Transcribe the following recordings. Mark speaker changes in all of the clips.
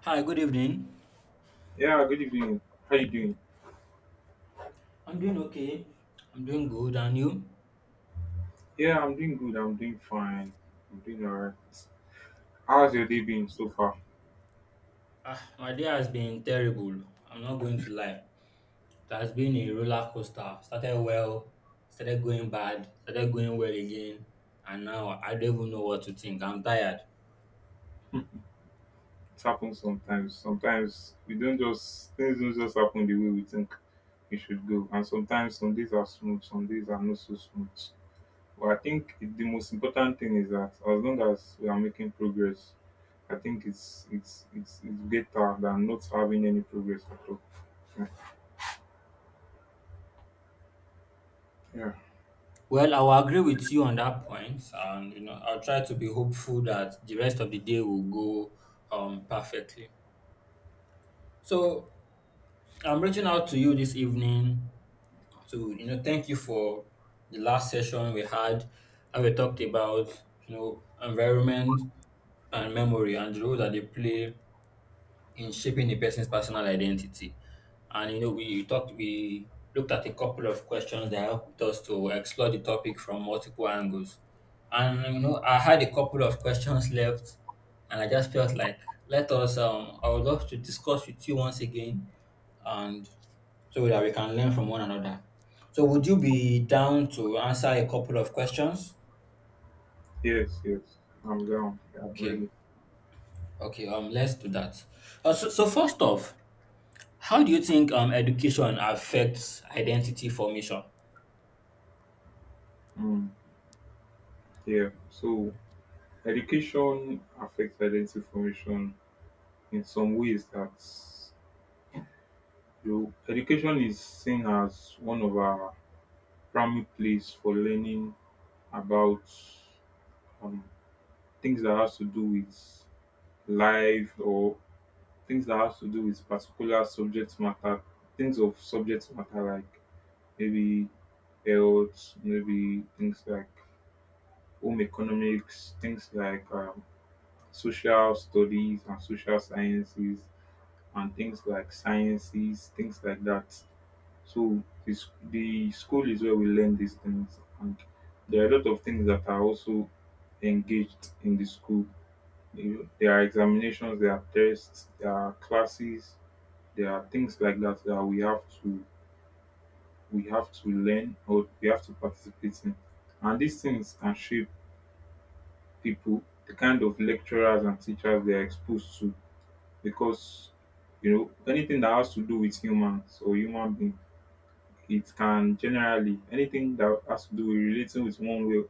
Speaker 1: Hi, good evening.
Speaker 2: Yeah, good evening. How you doing?
Speaker 1: I'm doing okay. I'm doing good, and you?
Speaker 2: Yeah, I'm doing good. I'm doing fine. I'm doing all right. How's your day
Speaker 1: Okay.
Speaker 2: been so far?
Speaker 1: My day has been terrible. I'm not going to lie. It has been a roller coaster. Started well, started going bad, started going well again, and now I don't even know what to think. I'm tired.
Speaker 2: It happens sometimes. Sometimes we don't just things don't just happen the way we think it should go. And sometimes some days are smooth, some days are not so smooth. But I think the most important thing is that as long as we are making progress, I think it's better than not having any progress at all. Yeah. Yeah.
Speaker 1: Well, I will agree with you on that point, and you know I'll try to be hopeful that the rest of the day will go perfectly. So I'm reaching out to you this evening. So, thank you for the last session we had, and we talked about, you know, environment and memory and the role that they play in shaping a person's personal identity. And you know, we looked at a couple of questions that helped us to explore the topic from multiple angles. And you know, I had a couple of questions left and I just felt like, let us, I would love to discuss with you once again, and so that we can learn from one another. So would you be down to answer a couple of questions?
Speaker 2: Yes. Yes. I'm down. Yeah. I'm
Speaker 1: Okay,
Speaker 2: ready.
Speaker 1: okay, let's do that. So first off, how do you think education affects identity formation?
Speaker 2: Mm. Yeah. So education affects identity formation in some ways that you education is seen as one of our primary place for learning about um, things that has to do with life or things that has to do with particular subject matter, things of subject matter like maybe health, maybe things like home economics, things like social studies and social sciences and things like sciences, things like that. So the school is where we learn these things, and there are a lot of things that are also engaged in the school. You know, there are examinations, there are tests, there are classes, there are things like that that we have to learn or we have to participate in, and these things can shape people, the kind of lecturers and teachers they are exposed to, because you know anything that has to do with humans or human beings it can generally anything that has to do with relating with one way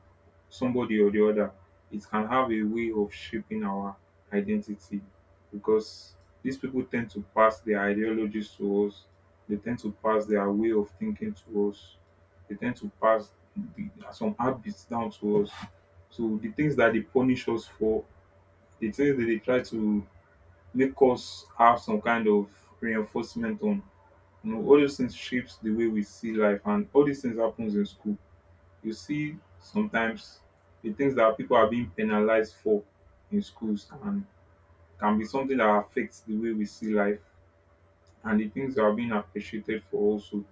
Speaker 2: somebody or the other it can have a way of shaping our identity because these people tend to pass their ideologies to us, they tend to pass their way of thinking to us, they tend to pass some habits down to us. So the things that they punish us for, the things that they try to make us have some kind of reinforcement on, you know, all those things shapes the way we see life, and all these things happens in school. You see sometimes the things that people are being penalized for in schools and can be something that affects the way we see life, and the things that are being appreciated for also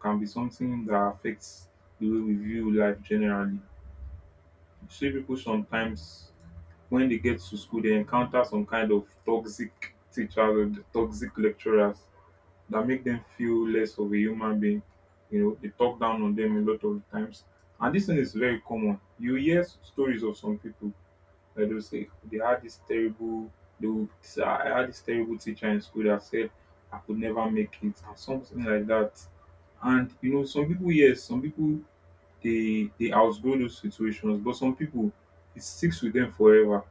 Speaker 2: can be something that affects the way we view life generally. You see people sometimes when they get to school they encounter some kind of toxic teachers or the toxic lecturers that make them feel less of a human being. You know, they talk down on them a lot of times. And this thing is very common. You hear stories of some people that they would say, I had this terrible teacher in school that said I could never make it and something like that. And you know, some people yes, some people they outgrow those situations, but some people it sticks with them forever,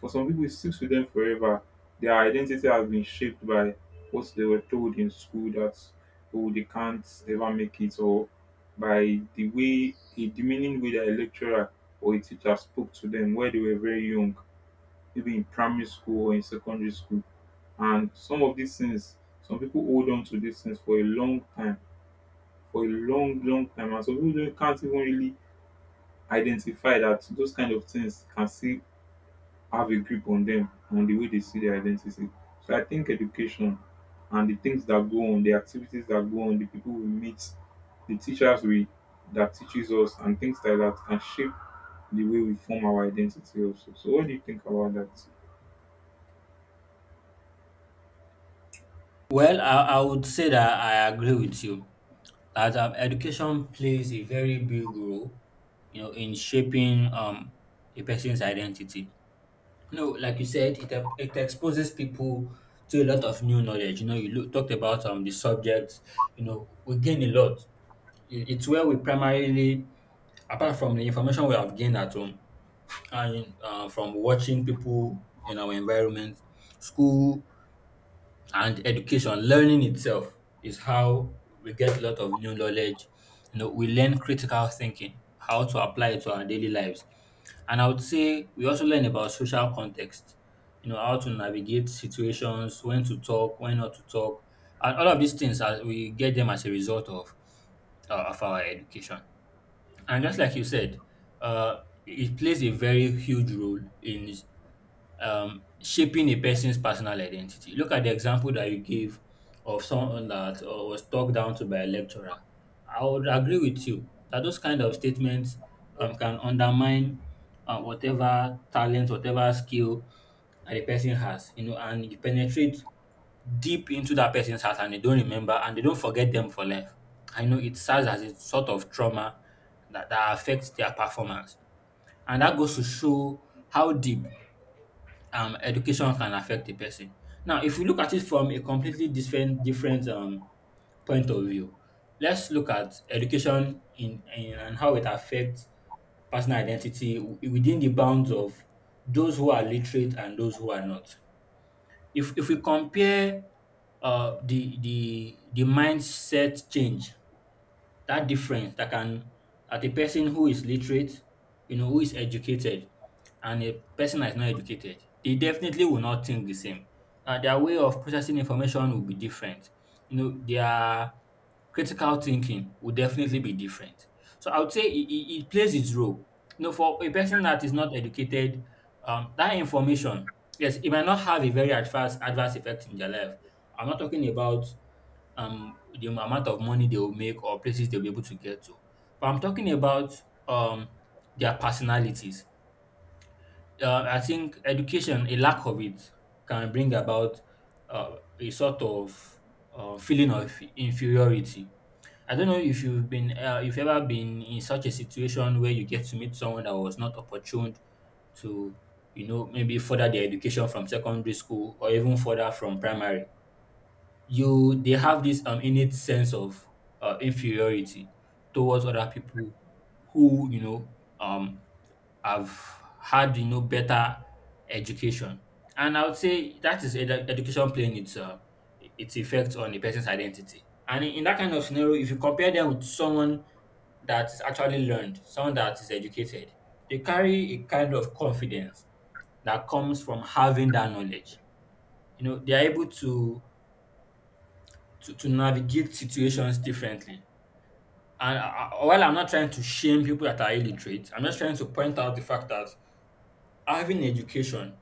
Speaker 2: for some people, it sticks with them forever. Their identity has been shaped by what they were told in school that, oh, they can't ever make it, or by the way, a demeaning way that a lecturer or a teacher spoke to them where they were very young, maybe in primary school or in secondary school. And some of these things, some people hold on to these things for a long time, for a long, long time. And some people can't even really identify that those kind of things can still have a grip on them on the way they see their identity. So I think education and the things that go on, the activities that go on, the people we meet, the teachers we that teaches us and things like that can shape the way we form our identity also. So what do you think about that?
Speaker 1: Well, I would say that I agree with you that education plays a very big role, you know, in shaping a person's identity. No, like you said, it exposes people to a lot of new knowledge. You know, you talked about the subjects. You know, we gain a lot. It's where we primarily, apart from the information we have gained at home and from watching people in our environment, school, and education learning itself is how we get a lot of new knowledge. You know, we learn critical thinking, how to apply it to our daily lives, and I would say we also learn about social context, you know, how to navigate situations, when to talk, when not to talk. And all of these things, as we get them as a result of of our education, and just like you said, it plays a very huge role in shaping a person's personal identity. Look at the example that you gave of someone that was talked down to by a lecturer. I would agree with you that those kind of statements can undermine whatever talent, whatever skill the person has, you know, and you penetrate deep into that person's heart and they don't remember and they don't forget them for life. I know it serves as a sort of trauma that affects their performance. And that goes to show how deep education can affect a person. Now, if we look at it from a completely different point of view, let's look at education in and how it affects personal identity within the bounds of those who are literate and those who are not. If we compare the mindset change, that difference that can, at a person who is literate, you know, who is educated, and a person that is not educated, they definitely will not think the same. Their way of processing information will be different. You know, their critical thinking will definitely be different. So I would say it plays its role. You know, for a person that is not educated, that information, yes, it might not have a very adverse effect in their life. I'm not talking about the amount of money they will make or places they'll be able to get to. But I'm talking about um their personalities. I think education, a lack of it, can bring about a sort of feeling of inferiority. I don't know if you've been, if you've ever been in such a situation where you get to meet someone that was not opportune to, you know, maybe further their education from secondary school or even further from primary. You, they have this innate sense of inferiority towards other people who, you know, um have had, you know, better education. And I would say that is education playing its effect on a person's identity. And in that kind of scenario, if you compare them with someone that is actually learned, someone that is educated, they carry a kind of confidence that comes from having that knowledge. You know, they are able to to navigate situations differently. And while I'm not trying to shame people that are illiterate, I'm just trying to point out the fact that having education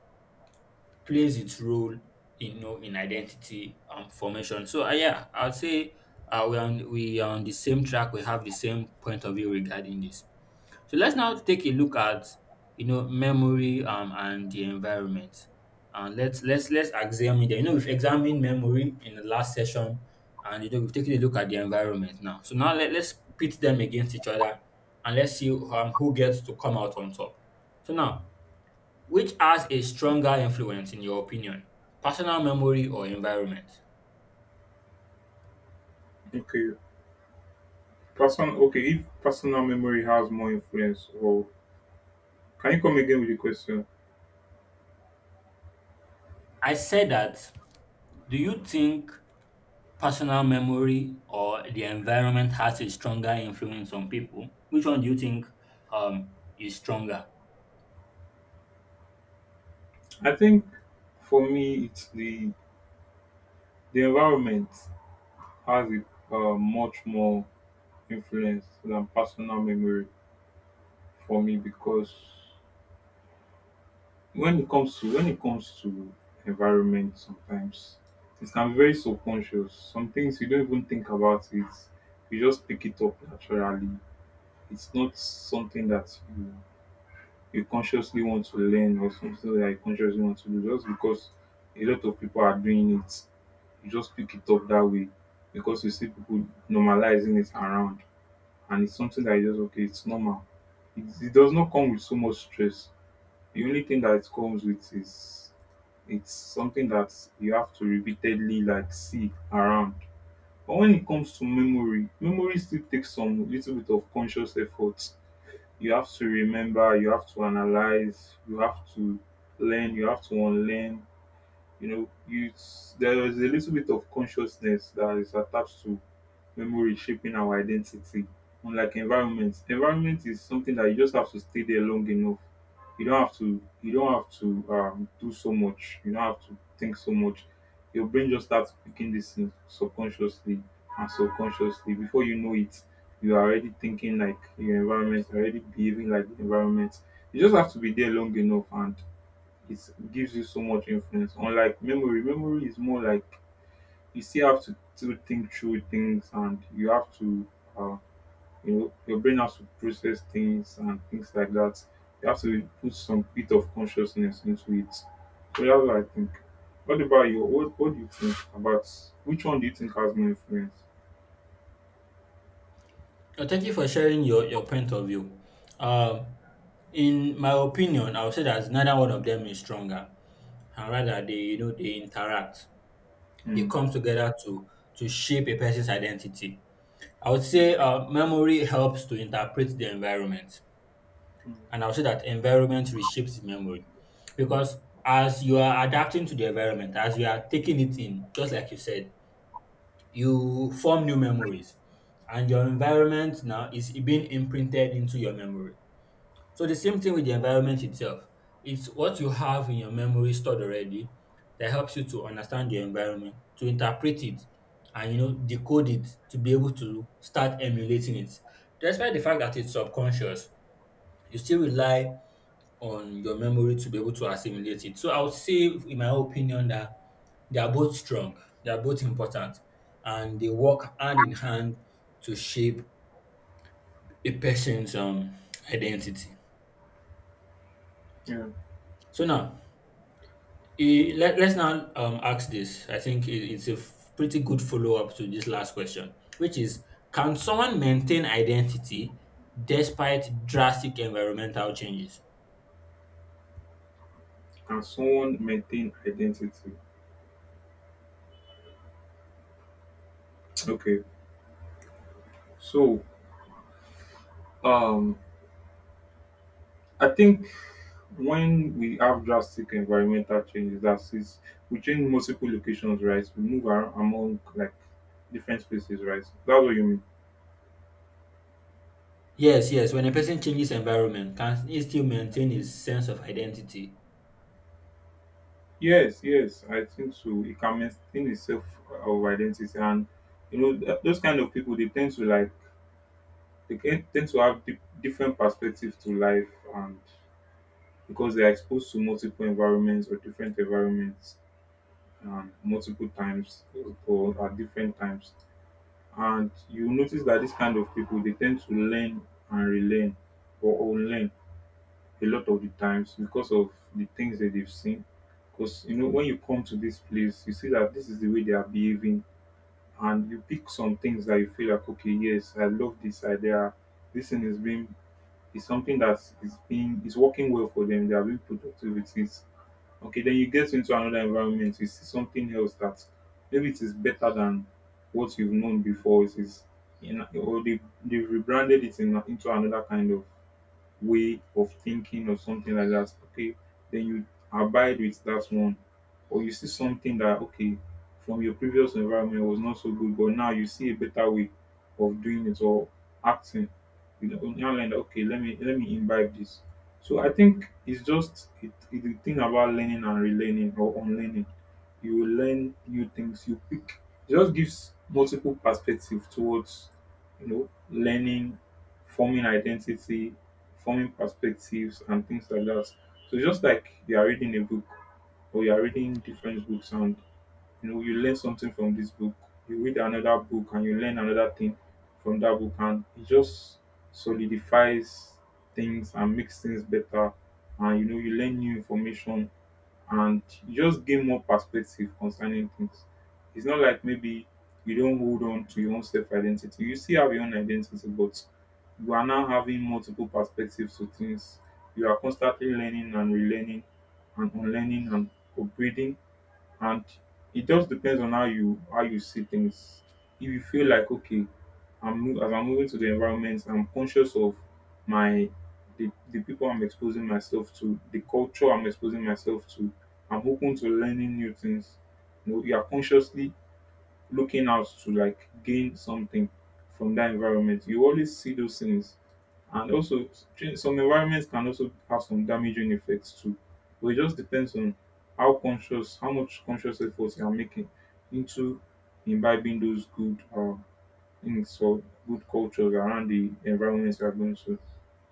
Speaker 1: plays its role in, you know, in identity formation. So yeah, I'd say we are on the same track. We have the same point of view regarding this. So let's now take a look at, you know, memory and the environment. And let's examine them. You know, we've examined memory in the last session, and you know we've taken a look at the environment now. So now, let's pit them against each other and let's see who gets to come out on top. So now, which has a stronger influence in your opinion? Personal memory or environment?
Speaker 2: Okay. Person okay, if personal memory has more influence or can you come again with the question?
Speaker 1: I said that, do you think personal memory or the environment has a stronger influence on people? Which one do you think um, is stronger?
Speaker 2: I think for me it's the environment has a much more influence than personal memory for me, because when it comes to environment sometimes it can be very subconscious, some things you don't even think about it, you just pick it up naturally. It's not something that you consciously want to learn or something that you consciously want to do just because a lot of people are doing it, you just pick it up that way because you see people normalizing it around, and it's something that you just okay it's normal. It does not come with so much stress. The only thing that it comes with is it's something that you have to repeatedly like see around. But when it comes to memory, memory still takes some little bit of conscious effort. You have to remember, you have to analyze, you have to learn, you have to unlearn. You know, you, there is a little bit of consciousness that is attached to memory shaping our identity. Unlike environment, environment is something that you just have to stay there long enough. You don't have to. You don't have to do so much. You don't have to think so much. Your brain just starts picking this thing subconsciously and subconsciously. Before you know it, you are already thinking like your environment, already behaving like the environment. You just have to be there long enough, and it gives you so much influence. Unlike memory, memory is more like you still have to still think through things and you have to uh, you know your brain has to process things and things like that, you have to put some bit of consciousness into it. So that's what I think. What about you? What do you think about which one do you think has more influence?
Speaker 1: Thank you for sharing your point of view. Um, in my opinion, I would say that neither one of them is stronger, and rather they, you know, they interact, they
Speaker 2: Hmm.
Speaker 1: come together to shape a person's identity. I would say memory helps to interpret the environment.
Speaker 2: Mm.
Speaker 1: And I'll say that environment reshapes memory, because as you are adapting to the environment, as you are taking it in, just like you said, you form new memories and your environment now is being imprinted into your memory. So the same thing with the environment itself. It's what you have in your memory stored already that helps you to understand your environment, to interpret it, and you know decode it to be able to start emulating it. Despite the fact that it's subconscious, you still rely on your memory to be able to assimilate it. So I would say, in my opinion, that they are both strong, they are both important, and they work hand in hand to shape a person's identity.
Speaker 2: Yeah.
Speaker 1: So now, let's now ask this. I think it's a pretty good follow up to this last question, which is, can someone maintain identity despite drastic environmental changes?
Speaker 2: Can someone maintain identity? Okay. So, um, I think when we have drastic environmental changes, that is, we change multiple locations, right? We move around among like different spaces, right? That's what you mean.
Speaker 1: Yes, yes. When a person changes environment, can he still maintain his sense of identity?
Speaker 2: Yes, yes, I think so. It can maintain itself of identity, and you know those kind of people they tend to like tend to have different perspectives to life, and because they are exposed to multiple environments or different environments, multiple times or at different times. And you notice that this kind of people they tend to learn and relearn or unlearn a lot of the times because of the things that they've seen. Because you know, when you come to this place, you see that this is the way they are behaving, and you pick some things that you feel like, okay, yes, I love this idea. This thing is being is something that is being is working well for them. They are being productive with it. Okay, then you get into another environment, you see something else that maybe it is better than what you've known before. It is, in, or they, they've rebranded it in, into another kind of way of thinking or something like that, okay, then you abide with that one. Or you see something that, okay, from your previous environment was not so good, but now you see a better way of doing it or acting. You know, now like, okay, let me imbibe this. So I think it's just the thing about learning and relearning or unlearning. You learn new things. You pick. It just gives multiple perspective towards you know learning, forming identity, forming perspectives and things like that. So just like you are reading a book or you are reading different books and you know you learn something from this book, you read another book and you learn another thing from that book, and it just solidifies things and makes things better, and you know you learn new information and you just gain more perspective concerning things. It's not like maybe you don't hold on to your own self-identity, you still have your own identity, but you are now having multiple perspectives to things, you are constantly learning and relearning and unlearning and upgrading, and it just depends on how you see things. If you feel like okay, as I'm moving to the environment, I'm conscious of my the people I'm exposing myself to, the culture I'm exposing myself to, I'm open to learning new things, you know you are consciously looking out to like gain something from that environment. You always see those things. And also, some environments can also have some damaging effects too. But it just depends on how conscious, how much conscious efforts you are making into imbibing those good things or good cultures around the environments you are going to.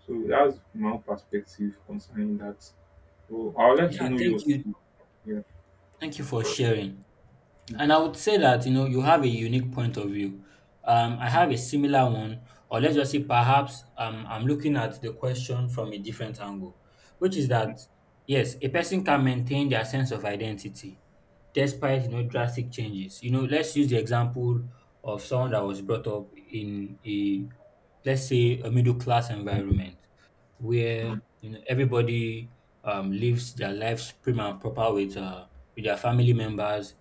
Speaker 2: So that's my own perspective concerning that. So I would like to
Speaker 1: Yeah,
Speaker 2: know
Speaker 1: thank
Speaker 2: yours
Speaker 1: you.
Speaker 2: too. Yeah.
Speaker 1: Thank you for sharing. And I would say that, you know, you have a unique point of view. I have a similar one, or let's just say perhaps I'm looking at the question from a different angle, which is that, yes, a person can maintain their sense of identity despite, you know, drastic changes. You know, let's use the example of someone that was brought up in a, let's say, a middle class environment,
Speaker 2: Mm.
Speaker 1: where you know everybody lives their lives prim and proper with their family members.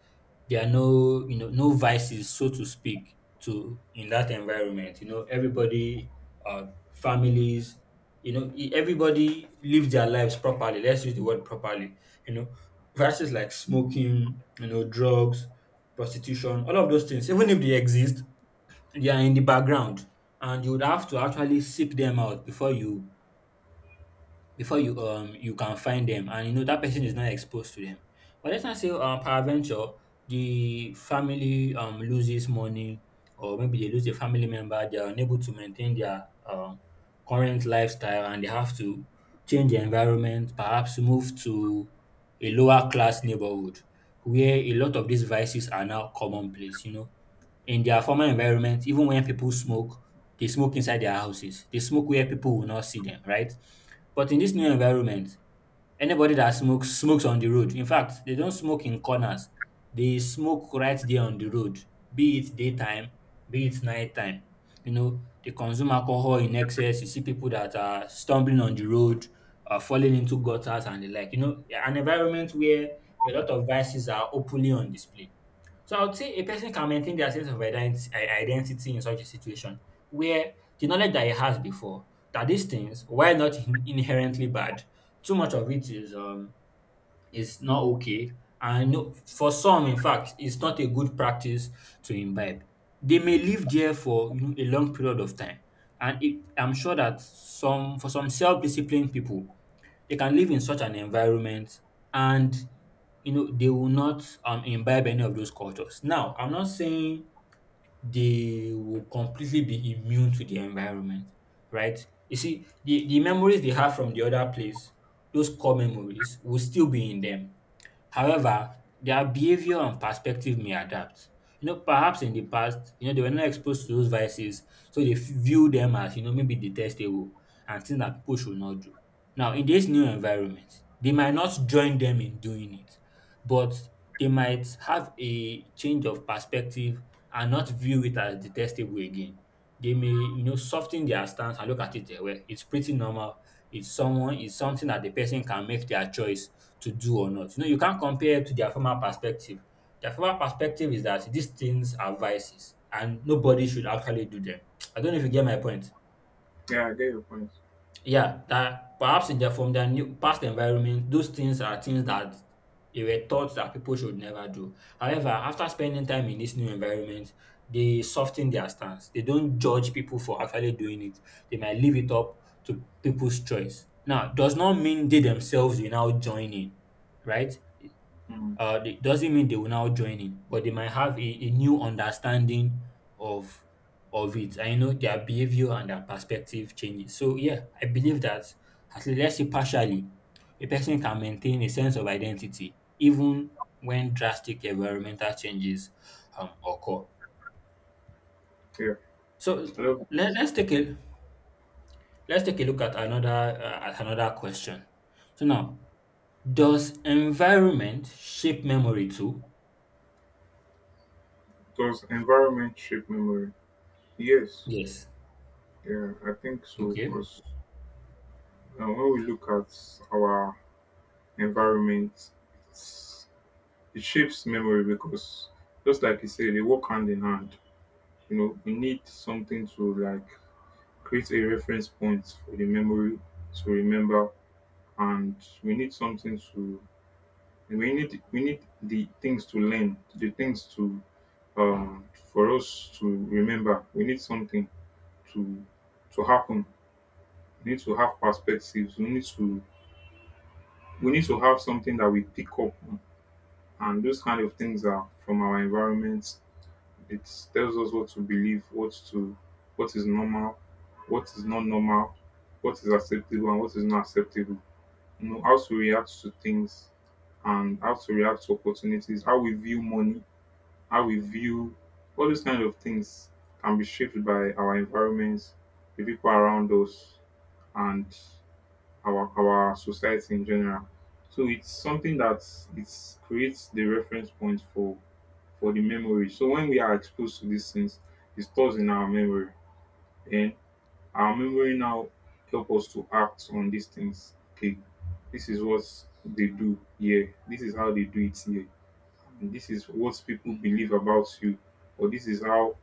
Speaker 1: There are no, you know, no vices, so to speak, to in that environment. You know everybody, families. You know everybody lives their lives properly. Let's use the word properly. You know, vices like smoking, you know, drugs, prostitution, all of those things. Even if they exist, they are in the background, and you would have to actually seek them out before you, before you, you can find them, and you know that person is not exposed to them. But let's not say peradventure the family loses money, or maybe they lose a family member. They are unable to maintain their current lifestyle and they have to change their environment, perhaps move to a lower class neighborhood where a lot of these vices are now commonplace. You know, in their former environment, even when people smoke, they smoke inside their houses, they smoke where people will not see them, right? But in this new environment, anybody that smokes, smokes on the road. In fact, they don't smoke in corners. They smoke right there on the road, be it daytime, be it nighttime. You know, they consume alcohol in excess. You see people that are stumbling on the road, falling into gutters and the like. You know, an environment where a lot of vices are openly on display. So I would say a person can maintain their sense of identity in such a situation where the knowledge that he has before that these things, while not inherently bad, too much of it is is not okay, and no, for some, in fact, it's not a good practice to imbibe. They may live there for a long period of time, and I'm sure that some for some self-disciplined people, they can live in such an environment and you know they will not imbibe any of those cultures. Now, I'm not saying they will completely be immune to the environment, right? You see, the memories they have from the other place, those core memories will still be in them. However, their behavior and perspective may adapt. You know, perhaps in the past, you know, they were not exposed to those vices, so they view them as, you know, maybe detestable and things that people should not do. Now, in this new environment, they might not join them in doing it, but they might have a change of perspective and not view it as detestable again. They may, you know, soften their stance and look at it. Well, it's pretty normal, it's something that the person can make their choice to do or not. You know, you can't compare to their former perspective. Their former perspective is that these things are vices and nobody should actually do them. I don't know if you get my point.
Speaker 2: Yeah, I get your point.
Speaker 1: Yeah, that perhaps in their new past environment, those things are things that they were taught that people should never do. However, after spending time in this new environment, they soften their stance. They don't judge people for actually doing it. They might leave it up to people's choice. Now, does not mean they themselves will now join in, right?
Speaker 2: Mm.
Speaker 1: It doesn't mean they will now join in, but they might have a new understanding of of it. I know their behavior and their perspective changes. So yeah, I believe that, at least let's say partially, a person can maintain a sense of identity even when drastic environmental changes occur.
Speaker 2: Yeah.
Speaker 1: So
Speaker 2: I love.
Speaker 1: let, us take a let's take a look at another question. So now, does environment shape memory too?
Speaker 2: Does environment shape memory? Yes,
Speaker 1: Yes.
Speaker 2: yeah, I think so.
Speaker 1: Okay.
Speaker 2: Because when we look at our environment, it's, it shapes memory because just like you said, they work hand in hand. You know, we need something to like create a reference point for the memory to remember, and we need something to we need the things to learn, the things to for us to remember. We need something to to happen. We need to have perspectives. We need to have something that we pick up on. And those kind of things are from our environment. It tells us what to believe, what is normal, what is not normal, what is acceptable and what is not acceptable. You know, how to react to things and how to react to opportunities, how we view money, how we view all these kind of things can be shaped by our environments, the people around us and our society in general. So it's something that it creates the reference point for the memory. So when we are exposed to these things, it stores in our memory, and our memory now help us to act on these things. Okay, this is what they do here. This is how they do it here. This is what people believe about you, or this is how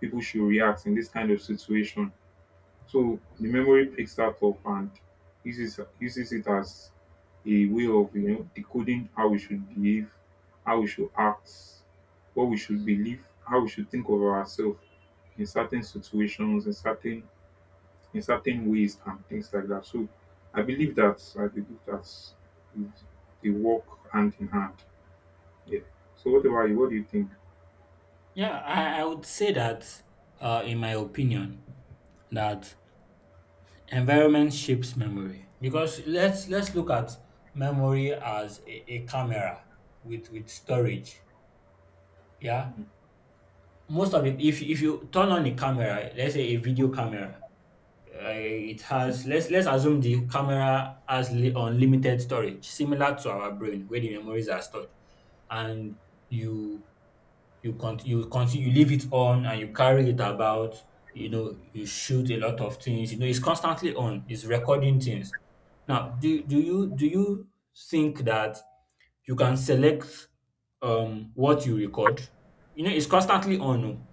Speaker 2: people should react in this kind of situation. So the memory picks that up and uses it as a way of, you know, decoding how we should behave, how we should act, what we should believe, how we should think of ourselves in certain situations, in certain ways and things like that. So I believe that they work hand in hand. Yeah. So what about you? What do you think?
Speaker 1: Yeah, I would say that, in my opinion, that environment shapes memory because let's look at memory as a camera with storage. Yeah, most of it. If you turn on a camera, let's say a video camera, it has let's assume the camera has unlimited storage, similar to our brain where the memories are stored, and you You continue, you leave it on and you carry it about. You know, you shoot a lot of things. You know, it's constantly on. It's recording things. Now, do you think that you can select what you record? You know, it's constantly on. Oh.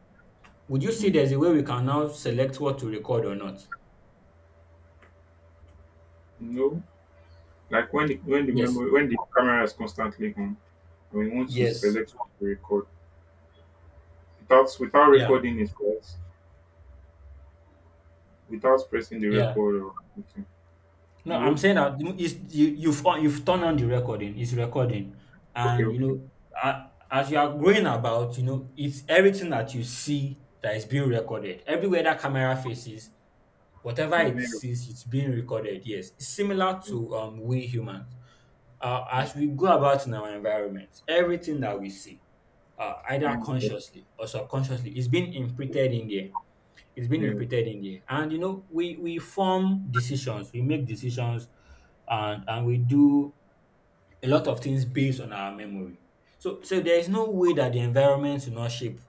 Speaker 1: Would you say
Speaker 2: Mm.
Speaker 1: there's a way we can now select what to record or not?
Speaker 2: No, like
Speaker 1: Yes.
Speaker 2: when the camera is constantly on, and we want to
Speaker 1: Yes.
Speaker 2: select what to record. Without
Speaker 1: Yeah.
Speaker 2: recording it first, without pressing the
Speaker 1: Yeah.
Speaker 2: record or anything.
Speaker 1: No, I'm
Speaker 2: No?
Speaker 1: saying that you know, you, you've on, you've turned on the recording. It's recording,
Speaker 2: Okay,
Speaker 1: and you
Speaker 2: okay.
Speaker 1: know, as you are going about, you know, it's everything that you see that is being recorded. Everywhere that camera faces,
Speaker 2: It's
Speaker 1: whatever
Speaker 2: been
Speaker 1: it
Speaker 2: recorded.
Speaker 1: sees, it's being recorded. Yes, it's similar to we humans.
Speaker 2: Yeah,
Speaker 1: As we go about in our environment, everything that we see,
Speaker 2: it's
Speaker 1: either
Speaker 2: been recorded.
Speaker 1: consciously or subconsciously, is being imprinted in there it's been
Speaker 2: Yeah,
Speaker 1: imputed in there, and you know we form decisions, we make decisions and we do a lot of things based on our memory, so so there is no way that the environment will not shape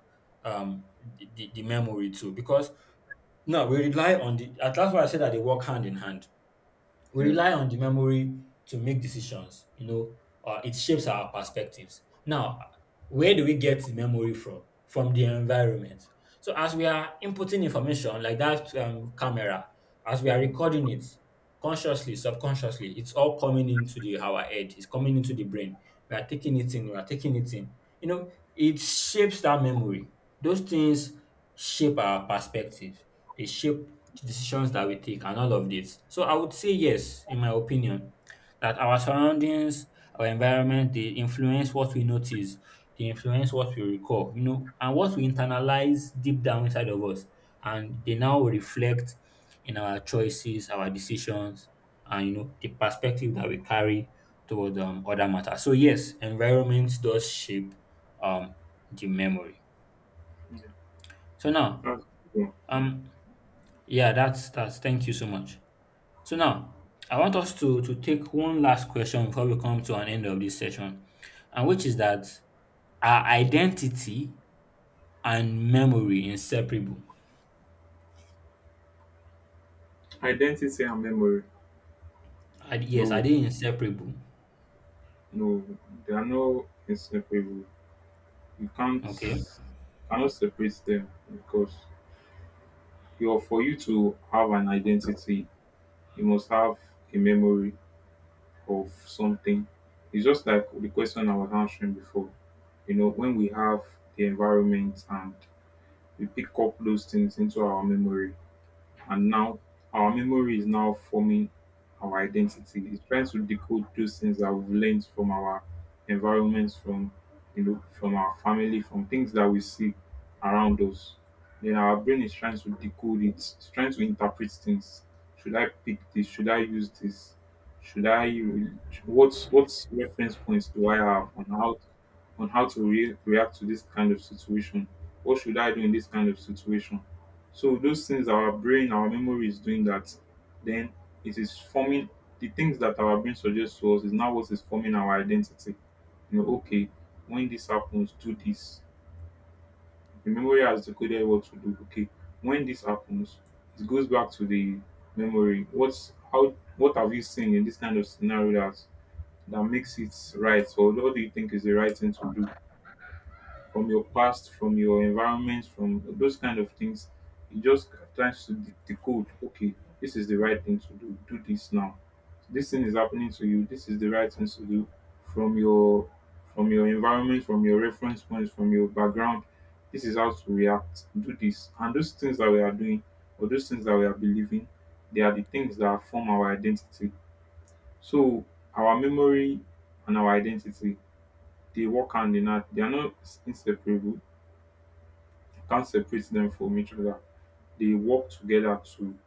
Speaker 1: um the memory too. Because no, we rely on the, that's why I said that they work hand in hand, we
Speaker 2: yeah.
Speaker 1: rely on the memory to make decisions, you know, it shapes our perspectives. Now where do we get the memory from? From the environment. So as we are inputting information like that camera, as we are
Speaker 2: Mm,
Speaker 1: recording it, consciously subconsciously, it's all coming into the our head, it's coming into the brain, we are taking it in, we are taking it in, you know it shapes that memory. Those things shape our perspective, they shape the decisions that we take and all of this. So I would say yes, in my opinion, that our surroundings, our environment, they influence what we notice, they influence what we recall, you know, and what we internalize deep down inside of us. And they now reflect in our choices, our decisions, and you know, the perspective that we carry toward other matters. So yes, environment does shape um the memory.
Speaker 2: yeah.
Speaker 1: So
Speaker 2: That's a
Speaker 1: now,
Speaker 2: good one. Yeah.
Speaker 1: um yeah, that's thank you so much. So now I want us to take one last question before we come to an end of this session, and which is that are identity and memory inseparable?
Speaker 2: Identity and memory.
Speaker 1: Yes, are
Speaker 2: No,
Speaker 1: they inseparable?
Speaker 2: no. They are no inseparable. You can't
Speaker 1: Okay.
Speaker 2: Cannot separate them because you for you to have an identity, you must have a memory of something. It's just like the question I was answering before. You know, when we have the environment and we pick up those things into our memory, and now our memory is now forming our identity. It's trying to decode those things that we've learned from our environments, from, you know, from our family, from things that we see around us. Then our brain is trying to decode it. It's trying to interpret things. Should I pick this? Should I use this? Should I? re- what's reference points do I have on how to react to this kind of situation? What should I do in this kind of situation? So those things our brain, our memory is doing that, then it is forming the things that our brain suggests to us is now what is forming our identity. You know, okay, when this happens, do this. The memory has decoded what to do. Okay, when this happens, it goes back to the memory. What have you seen in this kind of scenario that makes it right? Or what do you think is the right thing to do? From your past, from your environment, from those kind of things. It just tries to decode, okay, this is the right thing to do. Do this now. This thing is happening to you. This is the right thing to do from your environment, from your reference points, from your background. This is how to react. Do this. And those things that we are doing or those things that we are believing, they are the things that form our identity. So our memory and our identity, they work hand in hand. They are not inseparable, you can't separate them from each other. They work together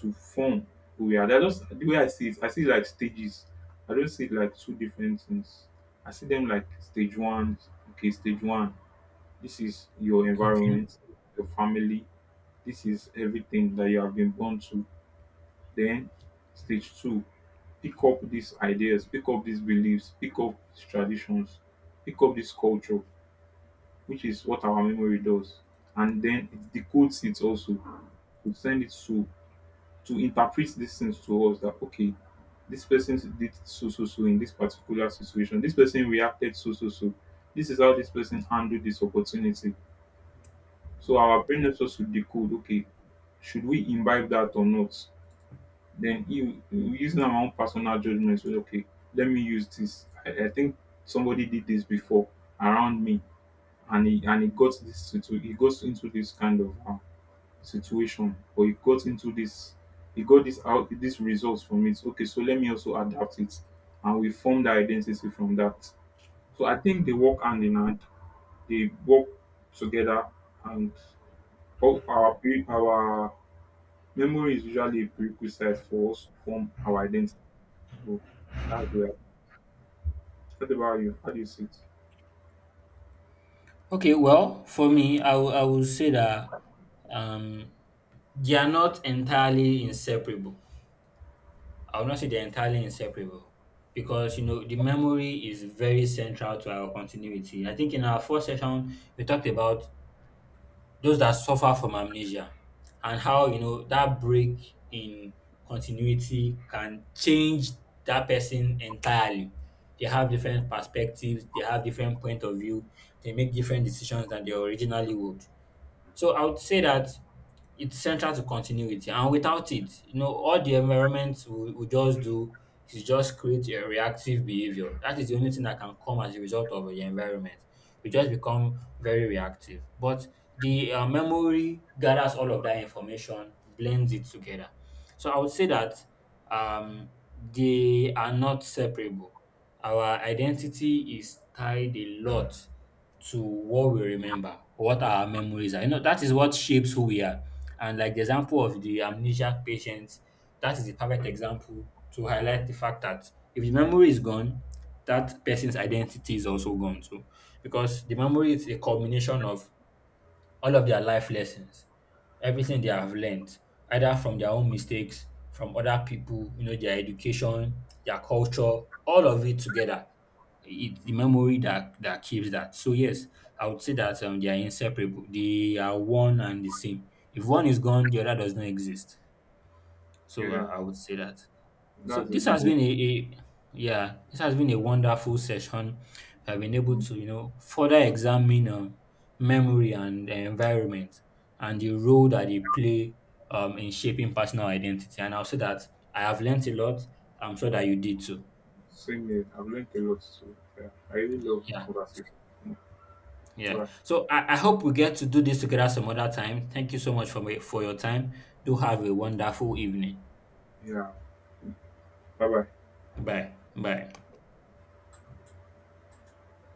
Speaker 2: to form who we are. They're just the way I see it like stages. I don't see it like two different things. I see them like stage one, okay, stage one. This is your
Speaker 1: Okay.
Speaker 2: environment, your family. This is everything that you have been born to. Then stage two, pick up these ideas, pick up these beliefs, pick up these traditions, pick up this culture, which is what our memory does. And then it decodes it also, we send it to interpret these things to us that okay, this person did so so so in this particular situation. This person reacted so so so. This is how this person handled this opportunity. So our brain helps us to decode, okay, should we imbibe that or not? Then you using our own personal judgment, so okay, let me use this. I think somebody did this before around me and he got this he goes into this kind of situation, but he got this out, this results from it, okay, so let me also adapt it, and we form that identity from that. So I think they work hand in hand, they work together. And all our memory is usually a prerequisite for us to form our identity. So that's where. What about you, how do you see it?
Speaker 1: Okay. Well, for me, I will say that um they are not entirely inseparable. I would not say they're entirely inseparable because you know the memory is very central to our continuity. I think in our first session we talked about those that suffer from amnesia and how you know that break in continuity can change that person entirely. They have different perspectives, they have different point of view, they make different decisions than they originally would. So I would say that it's central to continuity, and without it you know all the environment will just do is just create a reactive behavior. That is the only thing that can come as a result of the environment. We just become very reactive, but the memory gathers all of that information, blends it together. So I would say that um, they are not separable. Our identity is tied a lot to what we remember, what our memories are. You know, that is what shapes who we are. And like the example of the amnesia patients, that is the perfect example to highlight the fact that if the memory is gone, that person's identity is also gone too. Because the memory is a culmination of all of their life lessons, everything they have learned, either from their own mistakes, from other people, you know, their education, their culture, all of it together. It's the
Speaker 2: Mm,
Speaker 1: memory that keeps that. So yes, I would say that they are inseparable. They are one and the same. If one is gone, the other does not exist. So
Speaker 2: yeah,
Speaker 1: I would say that. So
Speaker 2: that's a
Speaker 1: this
Speaker 2: good
Speaker 1: has
Speaker 2: one.
Speaker 1: been a yeah, this has been a wonderful session. I've been able
Speaker 2: Mm.
Speaker 1: to you know further examine memory and the environment and the role that they play in shaping personal identity. And I'll say that I have learnt a lot. I'm sure that you did too.
Speaker 2: Same here, I've learned a lot. So yeah, I really love the
Speaker 1: Yeah,
Speaker 2: conversation. Mm. All
Speaker 1: yeah.
Speaker 2: right.
Speaker 1: So I hope we get to do this together some other time. Thank you so much for for your time. Do have a wonderful evening.
Speaker 2: Yeah. Bye bye.
Speaker 1: Bye. Bye.